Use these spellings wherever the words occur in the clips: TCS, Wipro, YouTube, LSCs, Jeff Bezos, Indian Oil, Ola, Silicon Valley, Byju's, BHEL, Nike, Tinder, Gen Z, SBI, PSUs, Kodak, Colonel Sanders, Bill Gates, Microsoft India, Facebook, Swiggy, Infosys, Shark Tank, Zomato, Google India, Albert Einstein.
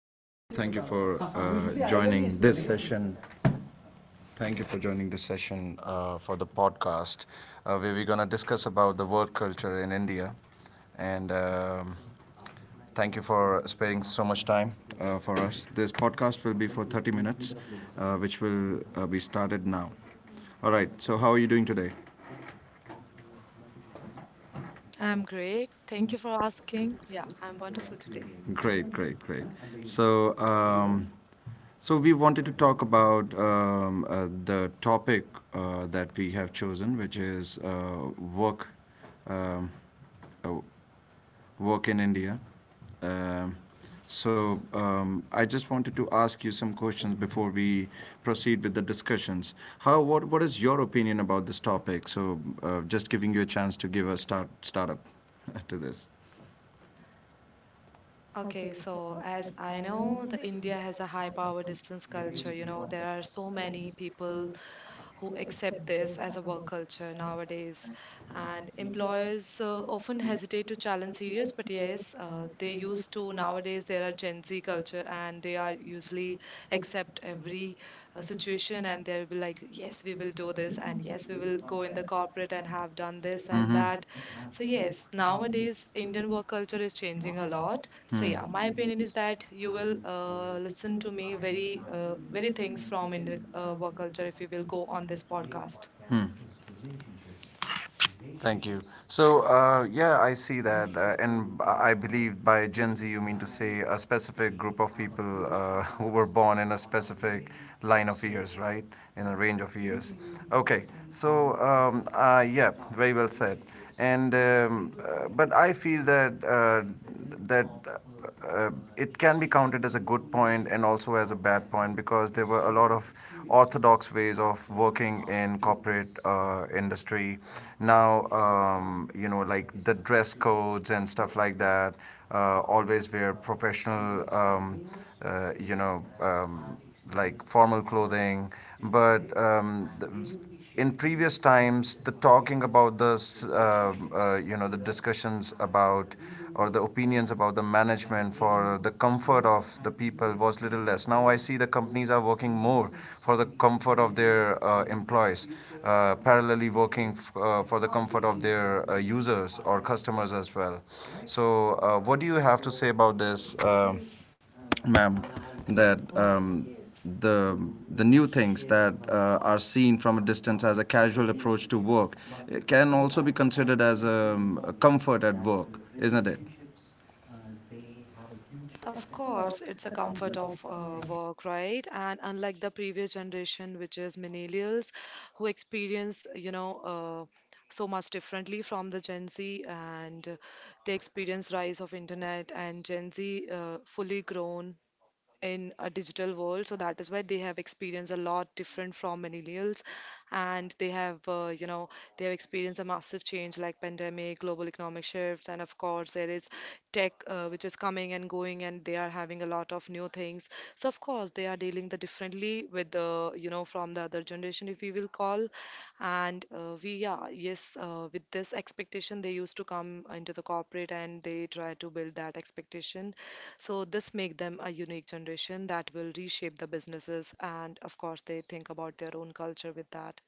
Hello, thank you for joining this session. Thank you for joining this session for the podcast, where we're going to discuss about the work culture in India. And Thank you for sparing so much time for us. This podcast will be for 30 minutes, which will be started now. All right. So, how are you doing today? I'm great. Thank you for asking. Yeah, I'm wonderful today. Great, great, great. So, um, So we wanted to talk about the topic that we have chosen, which is work, um, uh, work in India. Um, I just wanted to ask you some questions before we proceed with the discussions. How what is your opinion about this topic? So just giving you a chance to give a startup to this. Okay, so as I know, the India has a high power distance culture. You know, there are so many people who accept this as a work culture nowadays, and employers often hesitate to challenge serious, but yes, they used to. Nowadays, there are Gen Z culture, and they are usually accept every situation, and they'll be like, yes, we will do this, and yes, we will go in the corporate and have done this and that. So yes, nowadays Indian work culture is changing a lot. So yeah, my opinion is that you will listen to me very very things from Indian work culture if you will go on this podcast. Thank you. So, yeah, I see that. And I believe by Gen Z, you mean to say a specific group of people who were born in a specific line of years, right? In a range of years. Okay. So, yeah, very well said. And But I feel that that uh, it can be counted as a good point and also as a bad point, because there were a lot of orthodox ways of working in corporate industry. Now, you know, like the dress codes and stuff like that. Always wear professional, you know, like formal clothing. But um, the, in previous times, the talking about the you know, the discussions about or the opinions about the management for the comfort of the people was little less. Now I see the companies are working more for the comfort of their employees, parallelly working for the comfort of their users or customers as well. So, what do you have to say about this? Ma'am, that the the new things that are seen from a distance as a casual approach to work, it can also be considered as a comfort at work, isn't it? Of course, it's a comfort of work, right? And unlike the previous generation, which is millennials, who experience, you know, so much differently from the Gen Z, and they experience rise of internet and Gen Z fully grown in a digital world, so that is why they have experienced a lot different from millennials, and they have you know, they have experienced a massive change like pandemic, global economic shifts, and of course there is tech which is coming and going, and they are having a lot of new things. So of course they are dealing the differently with the, you know, from the other generation, if we will call. And we, yeah, yes, with this expectation they used to come into the corporate, and they try to build that expectation. So this make them a unique generation that will reshape the businesses, and of course they think about their own culture with that.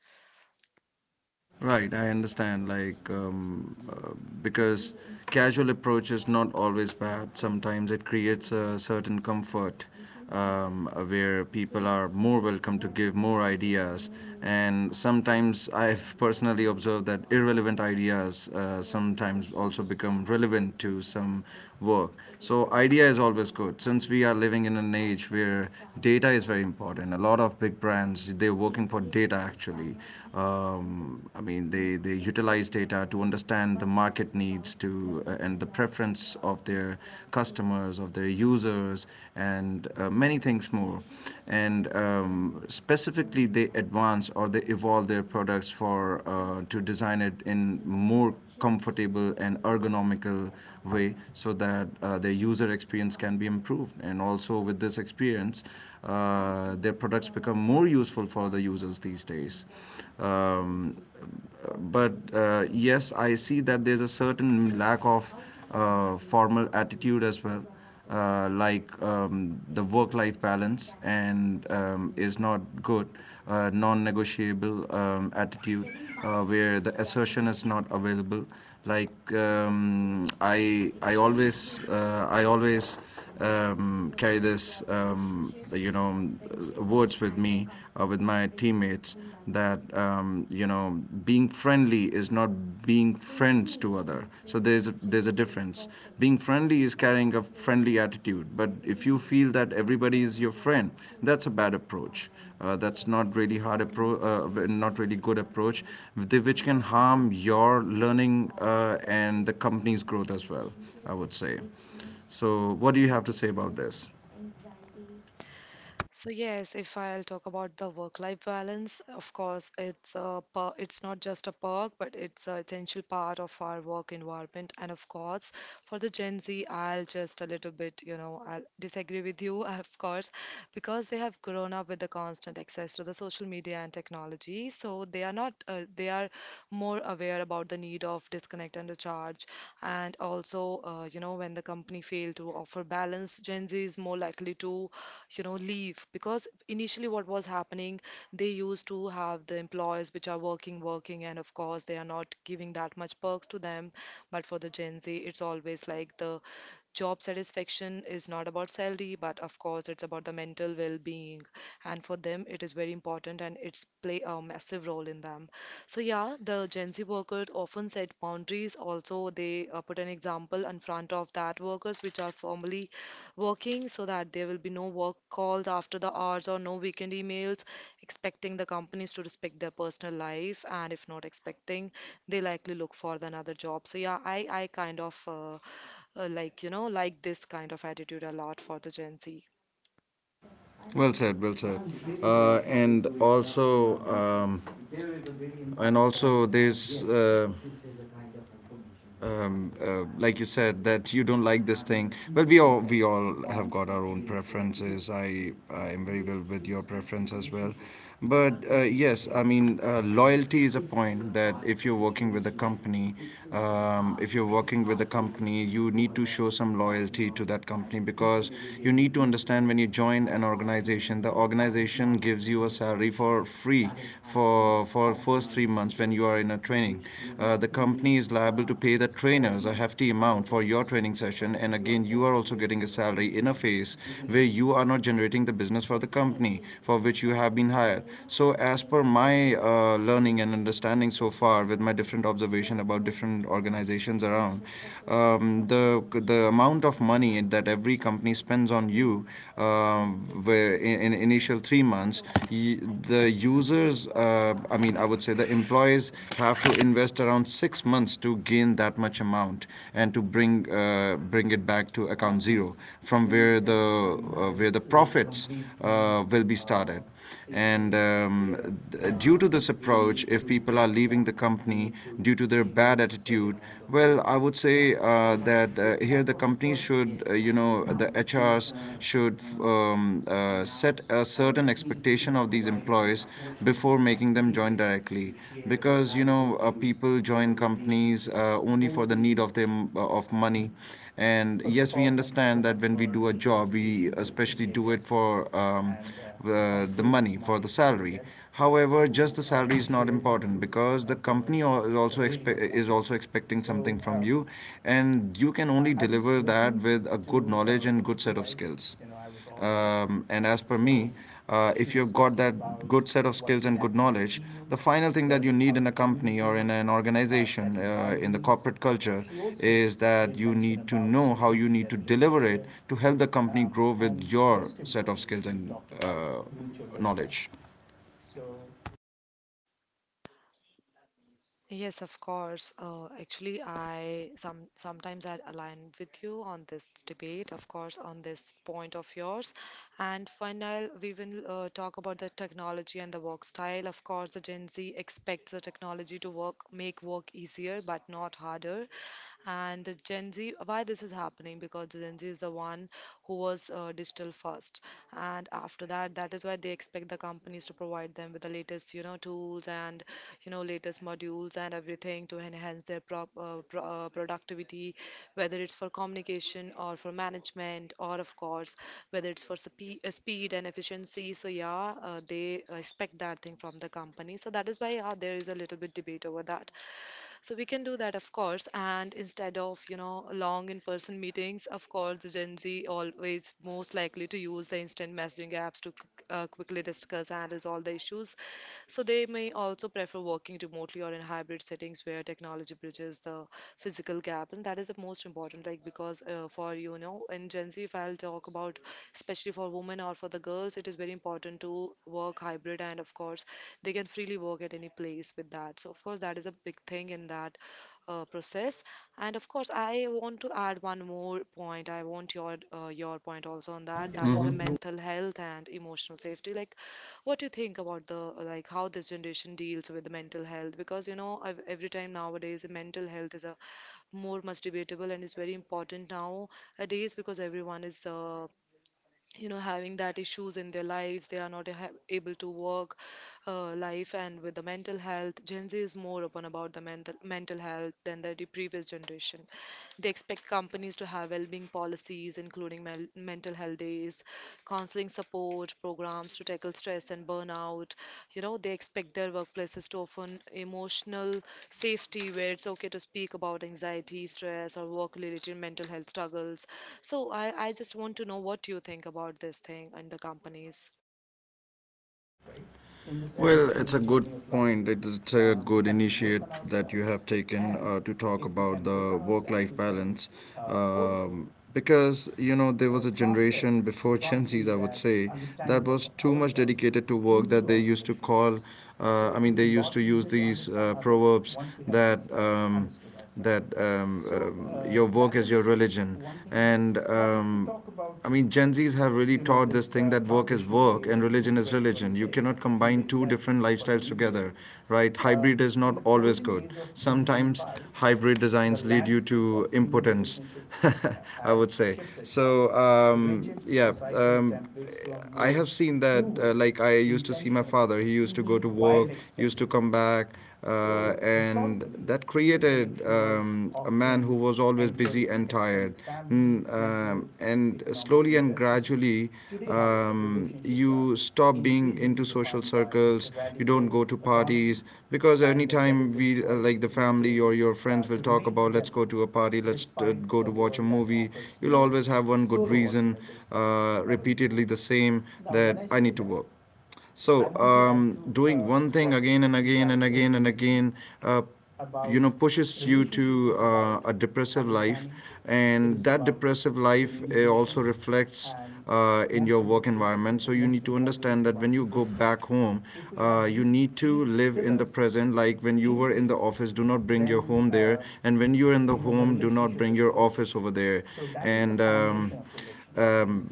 Right, I understand. Because casual approach is not always bad. Sometimes it creates a certain comfort, where people are more welcome to give more ideas. And sometimes I've personally observed that irrelevant ideas sometimes also become relevant to some work. So, idea is always good. Since we are living in an age where data is very important, a lot of big brands they're working for data actually. I mean, they utilize data to understand the market needs to and the preference of their customers, of their users, and many things more. And Specifically, they advance or they evolve their products for to design it in more comfortable and ergonomical way so that their user experience can be improved, and also with this experience their products become more useful for the users these days. Um, but Yes, I see that there's a certain lack of formal attitude as well, the work-life balance and is not good, non-negotiable attitude where the assertion is not available. I always carry this, you know, words with me, with my teammates, that you know, being friendly is not being friends to other. So there's a difference. Being friendly is carrying a friendly attitude, but if you feel that everybody is your friend, that's a bad approach. That's not really good approach, which can harm your learning and the company's growth as well. I would say. So, what do you have to say about this? So yes, if I'll talk about the work-life balance, of course it's not just a perk, but it's an essential part of our work environment. And of course, for the Gen Z, I'll just a little bit, you know, I'll disagree with you, of course, because they have grown up with the constant access to the social media and technology. So they are not they are more aware about the need of disconnect and recharge. And also, you know, when the company fail to offer balance, Gen Z is more likely to, you know, leave, because initially what was happening, they used to have the employees which are working, working, and of course they are not giving that much perks to them. But for the Gen Z, it's always like the job satisfaction is not about salary, but of course it's about the mental well-being, and for them it is very important, and it's play a massive role in them. So yeah, the Gen Z workers often set boundaries. Also, they put an example in front of that workers which are formally working, so that there will be no work calls after the hours or no weekend emails. Expecting the companies to respect their personal life, and if not expecting, they likely look for the another job. So yeah, I kind of like, you know, like this kind of attitude a lot for the Gen Z. Well said, well said. Uh, and also, um, and also, there's like you said that you don't like this thing, well, we all have got our own preferences. I am very well with your preference as well, but yes, I mean, loyalty is a point that if you're working with a company, if you're working with a company, you need to show some loyalty to that company, because you need to understand when you join an organization, the organization gives you a salary for free for first 3 months when you are in a training. The company is liable to pay the trainers a hefty amount for your training session, and again, you are also getting a salary in a phase where you are not generating the business for the company for which you have been hired. So, as per my learning and understanding so far, with my different observation about different organizations around, um, the the amount of money that every company spends on you. In initial 3 months, the users, I mean, I would say, the employees have to invest around 6 months to gain that much amount and to bring bring it back to account zero, from where the profits will be started. And Due to this approach, if people are leaving the company due to their bad attitude, well, I would say that here here the companies should, you know, the HRs should set a certain expectation of these employees before making them join directly, because you know people join companies only for the need of them of money, and yes, we understand that when we do a job, we especially do it for. Um, the money for the salary. However, just the salary is not important because the company is also expecting something from you, and you can only deliver that with a good knowledge and good set of skills. And as per me, if you've got that good set of skills and good knowledge, the final thing that you need in a company or in an organization, in the corporate culture, is that you need to know how you need to deliver it to help the company grow with your set of skills and uh, knowledge. Yes, of course. Actually, I sometimes I align with you on this debate, of course, on this point of yours. And final, we will talk about the technology and the work style. Of course, the Gen Z expects the technology to work, make work easier but not harder. And the Gen Z, why this is happening? Because the Gen Z is the one who was digital first, and after that, that is why they expect the companies to provide them with the latest, you know, tools, and you know, latest modules and everything to enhance their productivity, whether it's for communication or for management, or of course whether it's for speed and efficiency. So yeah, they expect that thing from the company, so that is why there is a little bit debate over that. So we can do that of course, and instead of, you know, long in person meetings, of course the Gen Z always most likely to use the instant messaging apps to quickly discuss and resolve the issues. So they may also prefer working remotely or in hybrid settings where technology bridges the physical gap, and that is the most important, like, because for, you know, in Gen Z if I'll talk about, especially for women or for the girls, it is very important to work hybrid, and of course they can freely work at any place with that. So of course that is a big thing in that process. And of course I want to add one more point. I want your point also on that. That is a Mhm. mental health and emotional safety. Like, what do you think about the, like, how this generation deals with the mental health? Because, you know, I've, every time nowadays mental health is a more much debatable and is very important nowadays, because everyone is you know, having that issues in their lives. They are not able to work life, and with the mental health, Gen Z is more upon about the mental health than the previous generation. They expect companies to have well-being policies, including mental health days, counseling support programs to tackle stress and burnout. You know, they expect their workplaces to offer emotional safety, where it's okay to speak about anxiety, stress, or work-related mental health struggles. So I just want to know what you think about this thing in the companies. Well, it's a good point. It is- It's a good initiate that you have taken to talk about the work life balance. Because, you know, there was a generation before Gen Z's, I would say, that was too much dedicated to work, that they used to call, I mean, they used to use these proverbs that. Your work is your religion. And I mean, Gen Zs have really taught this thing that work is work and religion is religion. You cannot combine two different lifestyles together, right? Hybrid is not always good. Sometimes hybrid designs lead you to impotence, I would say. So, yeah, I have seen that, like, I used to see my father. He used to go Hmm. to work, used to come back and that created a man who was always busy and tired. And slowly and gradually, you stop being into social circles, you don't go to parties, because anytime like the family or your friends, will talk about, let's go to a party, let's go to watch a movie, you'll always have one good reason, repeatedly the same, that I need to work. So, doing one thing again and again and again and again, uh, you know, pushes you to a depressive life, and that depressive life also reflects in your work environment. So you need to understand that when you go back home, you need to live in the present. Like when you were in the office, do not bring your home there, and when you're in the home, do not bring your office over there. And um,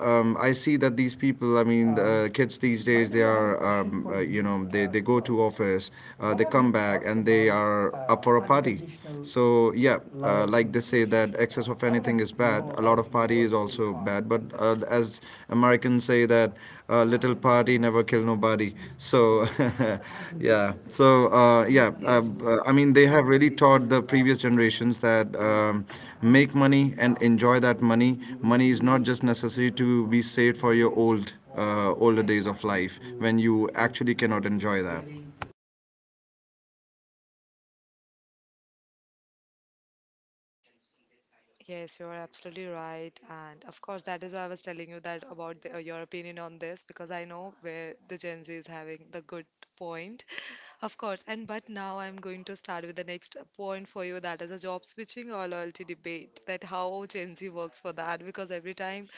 I see that these people, I mean, kids these days, they are, you know, they go to office, they come back, and they are up for a party. So, yeah, like they say that excess of anything is bad. A lot of party is also bad. But as Americans say that little party party, never kill nobody. So, yeah. So, yeah. Yes. I mean, they have really taught the previous generations that make money and enjoy that money. Money is not just necessary to be saved for your older days of life when you actually cannot enjoy that. Yes, you're absolutely right. And of course, that is why I was telling you that about the, your opinion on this, because I know where the Gen Z is having the good point. Of course. And but now I'm going to start with the next point for you, that is a job switching or loyalty debate, that how Gen Z works for that, because every time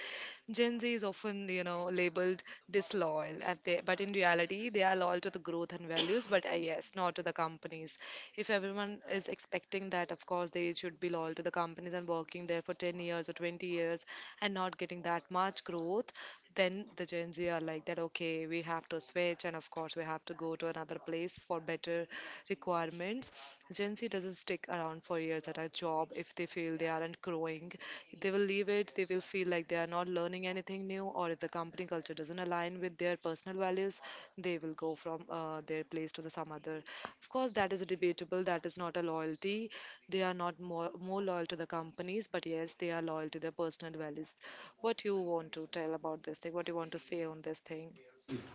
Gen Z is often, you know, labeled disloyal, at the, but in reality, they are loyal to the growth and values, but yes, not to the companies. If everyone is expecting that, of course, they should be loyal to the companies and working there for 10 years or 20 years and not getting that much growth, then the Gen Z are like that, okay, we have to switch, and of course, we have to go to another place for better requirements. Gen Z it doesn't stick around for years at a job if they feel they aren't growing. They will leave it, they will feel like they are not learning anything new, or if the company culture doesn't align with their personal values, they will go from their place to the some other. Of course, that is debatable, that is not a loyalty. They are not more loyal to the companies, but yes, they are loyal to their personal values. What you want to tell about this thing? What you want to say on this thing?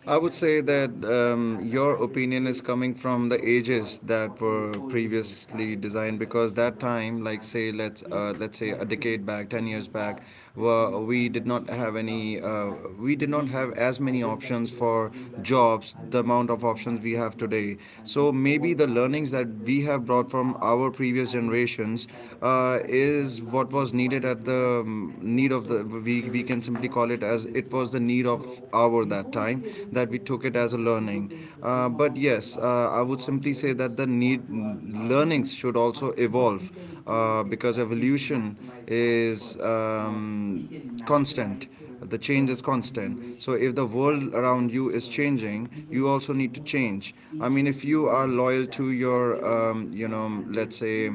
I would say that your opinion is coming from the ages that were previously designed because that time, like say, let's say a decade back, 10 years back, we did not we did not have as many options for jobs, the amount of options we have today. So maybe the learnings that we have brought from our previous generations is what was needed at the need of we can simply call it as it was the need of hour that time that we took it as a learning. I would simply say that the need learnings should also evolve because evolution is constant. The change is constant. So if the world around you is changing, you also need to change. I mean, if you are loyal to your, let's say,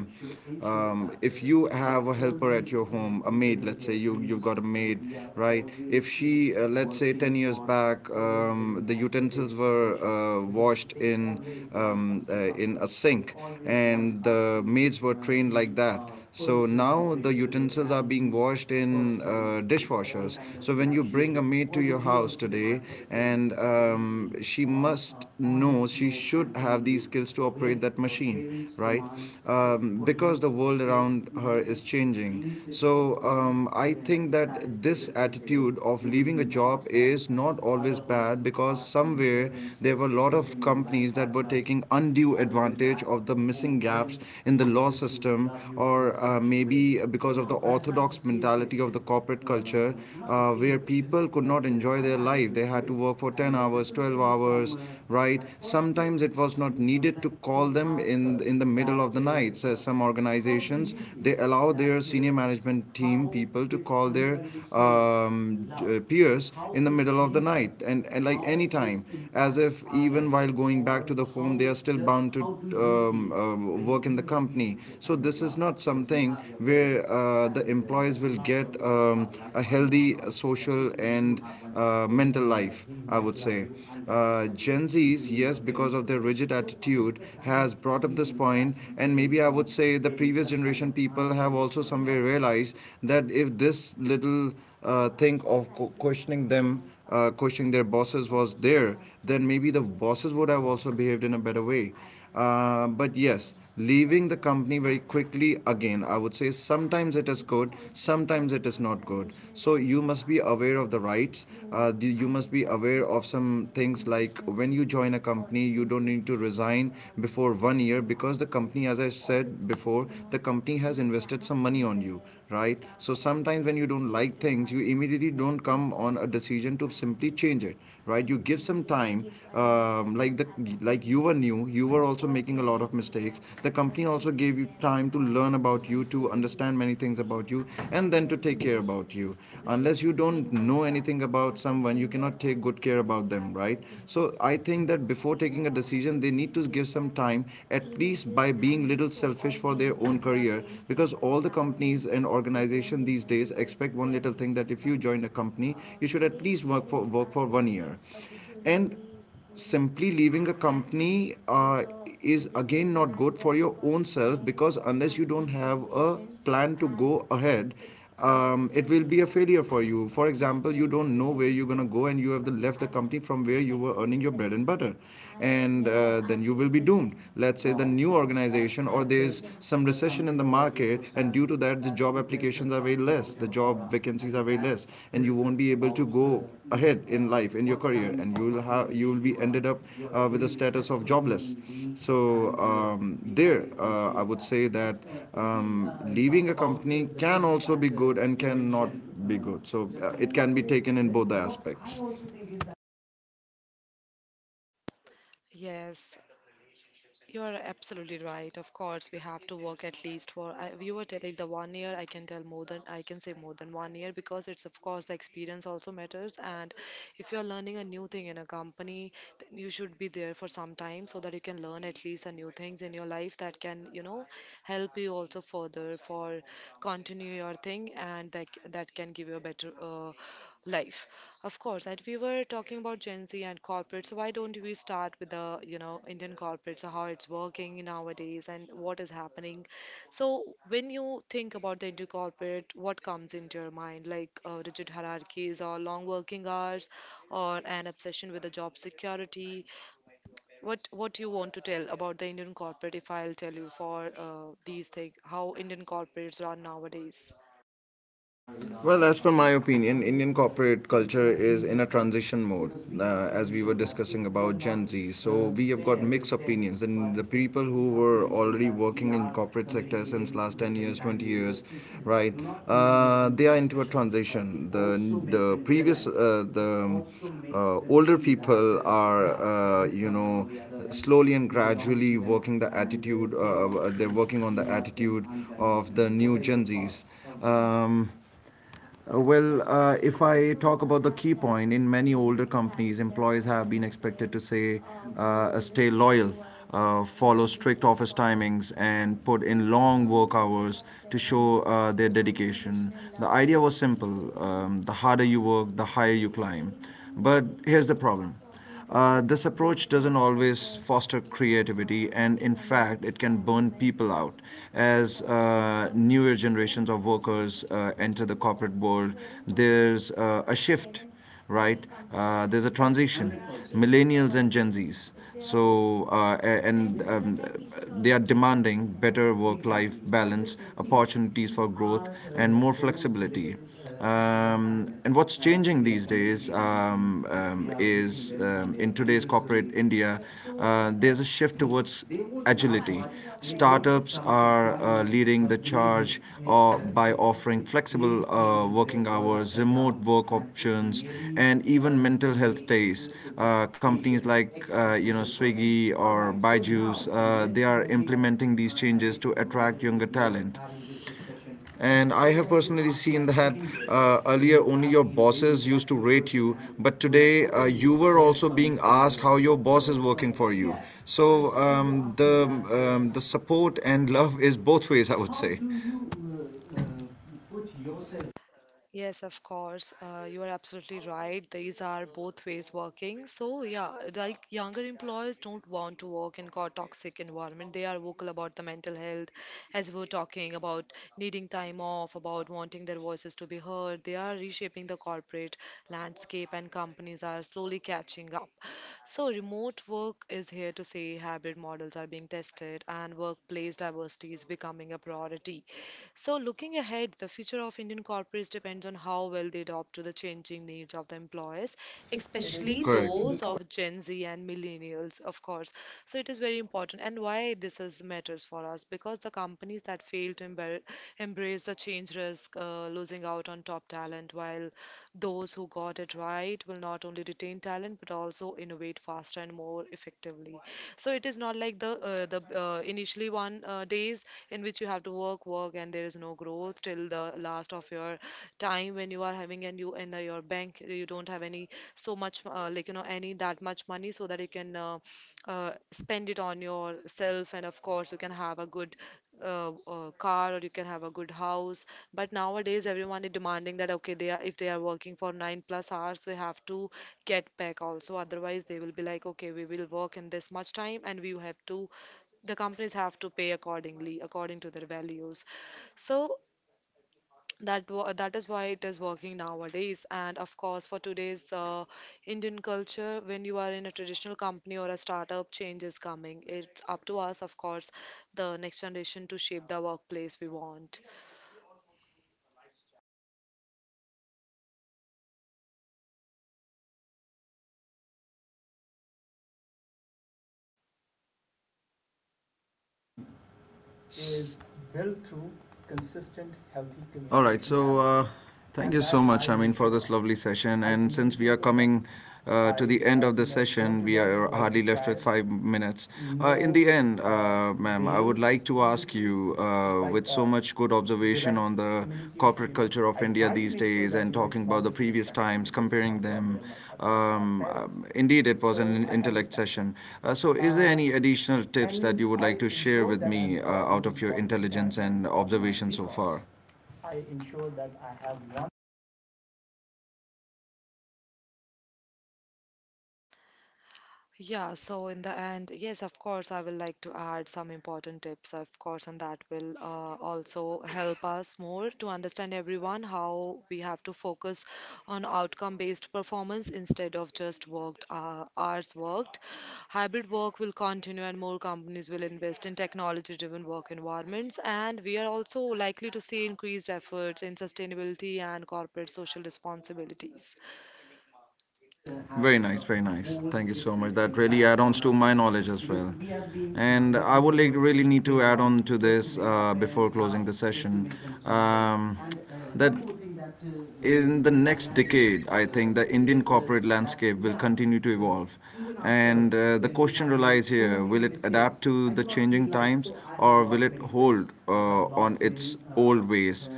if you have a helper at your home, a maid, let's say you've got a maid, right? If she, let's say, 10 years back, the utensils were washed in a sink, and the maids were trained like that. So now the utensils are being washed in dishwashers. So when you bring a maid to your house today, and she must know, she should have these skills to operate that machine, right? Because the world around her is changing. So I think that this attitude of leaving a job is not always bad because somewhere there were a lot of companies that were taking undue advantage of the missing gaps in the law system, or maybe because of the orthodox mentality of the corporate culture, where people could not enjoy their life. They had to work for 10 hours, 12 hours, right? Sometimes it was not needed to call them in the middle of the night. So some organizations they allow their senior management team people to call their peers in the middle of the night and like any time, as if even while going back to the home, they are still bound to um, uh, work in the company. So this is not something where the employees will get a healthy social and mental life. I would say Gen Zs, yes, because of their rigid attitude, has brought up this point, and maybe I would say the previous generation people have also somewhere realized that if this little thing of questioning them, questioning their bosses was there, then maybe the bosses would have also behaved in a better way. But yes, leaving the company very quickly again, I would say sometimes it is good, sometimes it is not good. So you must be aware of the rights. You must be aware of some things like when you join a company, you don't need to resign before one year because the company, as I said before, the company has invested some money on you, right? So sometimes when you don't like things, you immediately don't come on a decision to simply change it, right? You give some time, like the like you were new, you were also making a lot of mistakes. The company also gave you time to learn about you, to understand many things about you, and then to take care about you. Unless you don't know anything about someone, you cannot take good care about them, right? So I think that before taking a decision, they need to give some time, at least by being little selfish for their own career. Because all the companies and organization these days expect one little thing that if you join a company, you should at least work for one year, and simply leaving a company is again not good for your own self because unless you don't have a plan to go ahead, it will be a failure for you. For example, you don't know where you're going to go and you have left the company from where you were earning your bread and butter, and then you will be doomed. Let's say the new organization, or there's some recession in the market and due to that the job applications are very less, the job vacancies are very less, and you won't be able to go ahead in life in your career, and you will be ended up with a status of jobless. So um, I would say that um, leaving a company can also be good and cannot be good. So it can be taken in both the aspects. Yes, you are absolutely right. Of course, we have to work at least for. I, you were telling the 1 year. I can tell more than I can say more than 1 year, because it's of course the experience also matters. And if you are learning a new thing in a company, then you should be there for some time so that you can learn at least a new things in your life that can, you know, help you also further for continue your thing, and that can give you a better life. Of course, and we were talking about Gen Z and corporates. So why don't we start with the, you know, Indian corporates, how it's working nowadays and what is happening? So when you think about the Indian corporate, what comes into your mind? Like rigid hierarchies or long working hours or an obsession with the job security? What do you want to tell about the Indian corporate if I'll tell you for these things, how Indian corporates run nowadays? Well, as per my opinion, Indian corporate culture is in a transition mode, as we were discussing about Gen Z. So we have got mixed opinions. And the people who were already working in corporate sector since last 10 years, 20 years, right? They are into a transition. The previous, the older people are, slowly and gradually working the attitude. They're working on the attitude of the new Gen Zs. Um, Well, if I talk about the key point, in many older companies, employees have been expected to say, stay loyal, follow strict office timings, and put in long work hours to show their dedication. The idea was simple: the harder you work, the higher you climb. But here's the problem: this approach doesn't always foster creativity, and in fact, it can burn people out. As newer generations of workers enter the corporate world, there's a shift, right? There's a transition. Millennials and Gen Zs. So, a- and they are demanding better work life balance, opportunities for growth, and more flexibility. And what's changing these days, is in today's corporate India, there's a shift towards agility. Startups are leading the charge by offering flexible working hours, remote work options, and even mental health days. Companies like, Swiggy or Byju's, they are implementing these changes to attract younger talent. And I have personally seen that earlier only your bosses used to rate you, but today you were also being asked how your boss is working for you. So the support and love is both ways, I would say. Yes, of course. You are absolutely right. These are both ways working. So, yeah, like younger employees don't want to work in toxic environment. They are vocal about the mental health, as we were talking about needing time off, about wanting their voices to be heard. They are reshaping the corporate landscape, and companies are slowly catching up. So, remote work is here to say, hybrid models are being tested, and workplace diversity is becoming a priority. So, looking ahead, the future of Indian corporates depends on how well they adapt to the changing needs of the employers, especially those Correct. of Gen Z and millennials, of course. So, it is very important. And why this is matters for us? Because the companies that fail to embrace the change risk, losing out on top talent, while those who got it right will not only retain talent but also innovate faster and more effectively. So it is not like the initially one days in which you have to work and there is no growth till the last of your time, when you are having and you in your bank you don't have any so much like you know any that much money, so that you can spend it on yourself, and of course you can have a good car or you can have a good house. But nowadays everyone is demanding that, okay, they are, if they are working for 9 plus hours, they have to get back also, otherwise they will be like, okay, we will work in this much time and we have to, the companies have to pay accordingly according to their values. So that is why it is working nowadays. And of course for today's Indian culture, when you are in a traditional company or a startup, change is coming. It's up to us, of course, the next generation, to shape the workplace we want. All right, so thank you so much, I mean, for this lovely session. And since we are coming to the end of the session, we are hardly left with 5 minutes. In the end, ma'am, I would like to ask you, with so much good observation on the corporate culture of India these days and talking about the previous times, comparing them. Um, Indeed, it was an intellect session. So, is there any additional tips that you would like to share with me out of your intelligence and observation so far? Yeah, so in the end, yes, of course, I will like to add some important tips, of course, and that will also help us more to understand everyone how we have to focus on outcome-based performance instead of just worked hours worked. Hybrid work will continue, and more companies will invest in technology-driven work environments. And we are also likely to see increased efforts in sustainability and corporate social responsibilities. Very nice, very nice. Thank you so much. That really add-ons to my knowledge as well. And I would like really need to add on to this before closing the session, um, that in the next decade, I think the Indian corporate landscape will continue to evolve. And the question relies here, will it adapt to the changing times or will it hold on its old ways?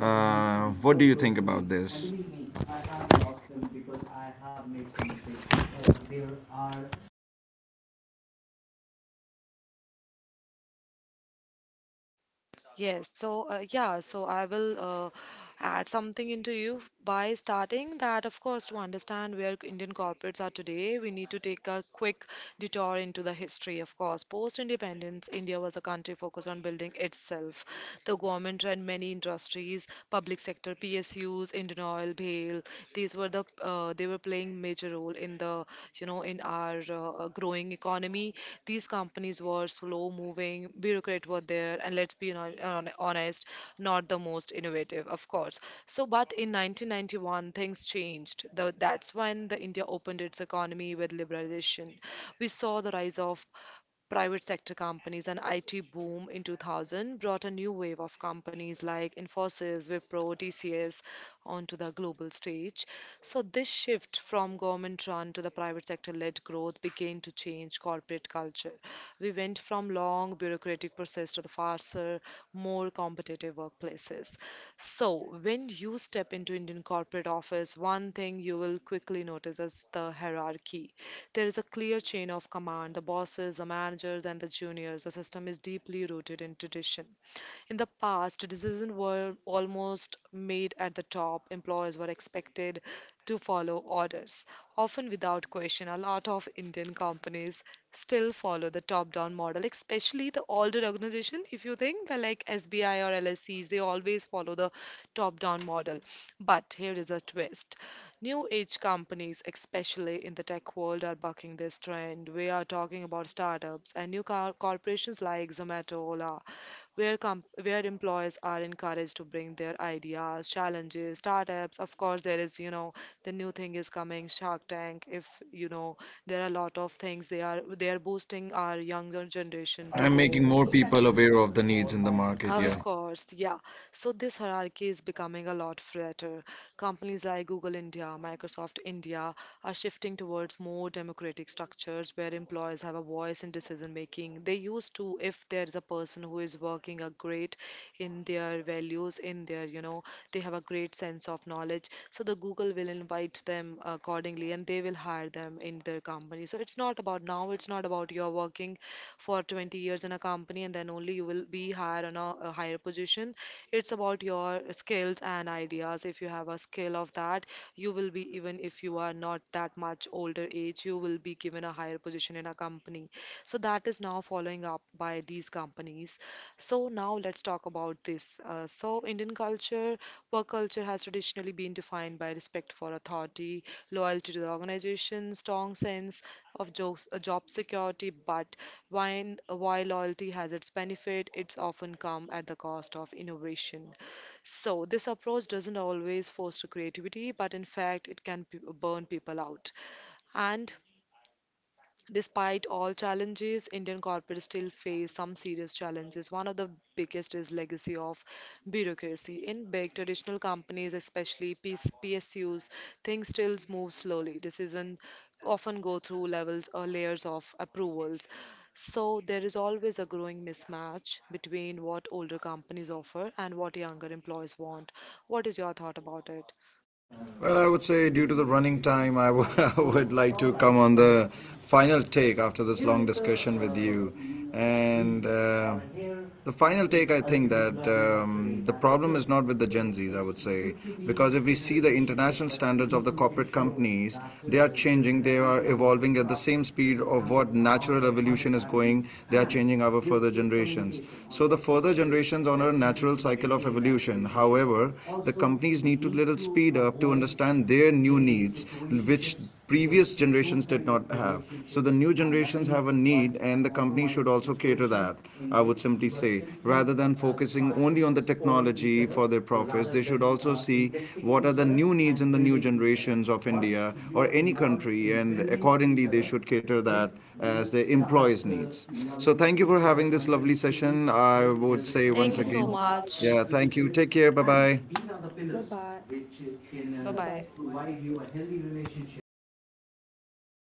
What do you think about this? Yes, so yeah, so I will add something into you by starting that, of course, to understand where Indian corporates are today, we need to take a quick detour into the history. Of course, post-independence, India was a country focused on building itself. The government ran many industries, public sector, PSUs, Indian Oil, BHEL. These were the they were playing major role in the you know in our growing economy. These companies were slow moving, bureaucrats were there, and let's be honest, not the most innovative, of course. So, but in 1991, things changed. That's when the India opened its economy with liberalization. We saw the rise of private sector companies, and IT boom in 2000 brought a new wave of companies like Infosys, Wipro, TCS onto the global stage. So this shift from government run to the private sector led growth began to change corporate culture. We went from long bureaucratic process to the faster, more competitive workplaces. So when you step into Indian corporate office, one thing you will quickly notice is the hierarchy. There is a clear chain of command, the bosses, the managers, and the juniors. The system is deeply rooted in tradition. In the past, decisions were almost made at the top. Employers were expected to follow orders, often without question. A lot of Indian companies still follow the top down model, especially the older organization. If you think they're like SBI or LSCs, they always follow the top down model. But here is a twist, new age companies, especially in the tech world, are bucking this trend. We are talking about startups and corporations like Zomato, Ola, where, where employees are encouraged to bring their ideas, challenges, startups. Of course, there is, you know, the new thing is coming, Shark Tank. If, you know, there are a lot of things they are boosting our younger generation to I'm making go. more people aware of the needs in the market, Of yeah. course, yeah. So this hierarchy is becoming a lot flatter. Companies like Google India, Microsoft India are shifting towards more democratic structures where employees have a voice in decision making. They used to, if there is a person who is working a great in their values, in their, you know, they have a great sense of knowledge. So the Google will invite them accordingly, and they will hire them in their company. So it's not about now, it's not about you're working for 20 years in a company and then only you will be hired on a higher position. It's about your skills and ideas. If you have a skill of that, you will be, even if you are not that much older age, you will be given a higher position in a company. So that is now following up by these companies. So now let's talk about this, Indian culture, work culture, has traditionally been defined by respect for authority, loyalty to the organization, strong sense of job security. But while loyalty has its benefit, it's often come at the cost of innovation. So, this approach doesn't always foster creativity, but in fact, it can burn people out. And despite all challenges, Indian corporates still face some serious challenges. One of the biggest is legacy of bureaucracy. In big traditional companies, especially PSUs, things still move slowly. Decisions often go through levels or layers of approvals. So there is always a growing mismatch between what older companies offer and what younger employees want. What is your thought about it? Well, I would say due to the running time, I would would like to come on the final take after this long discussion with you. And the final take, I think that the problem is not with the Gen Zs, I would say, because if we see the international standards of the corporate companies, they are changing, they are evolving at the same speed of what natural evolution is going. They are changing our further generations. So the further generations on a natural cycle of evolution. However, the companies need to little digital speed up to understand their new needs, which previous generations did not have. So the new generations have a need, and the company should also cater that. I would simply say, rather than focusing only on the technology for their profits, they should also see what are the new needs in the new generations of India or any country, and accordingly they should cater that as their employees' needs. So thank you for having this lovely session. I would say Thank once you so again, much. yeah, thank you. Take care. Bye bye. Bye bye.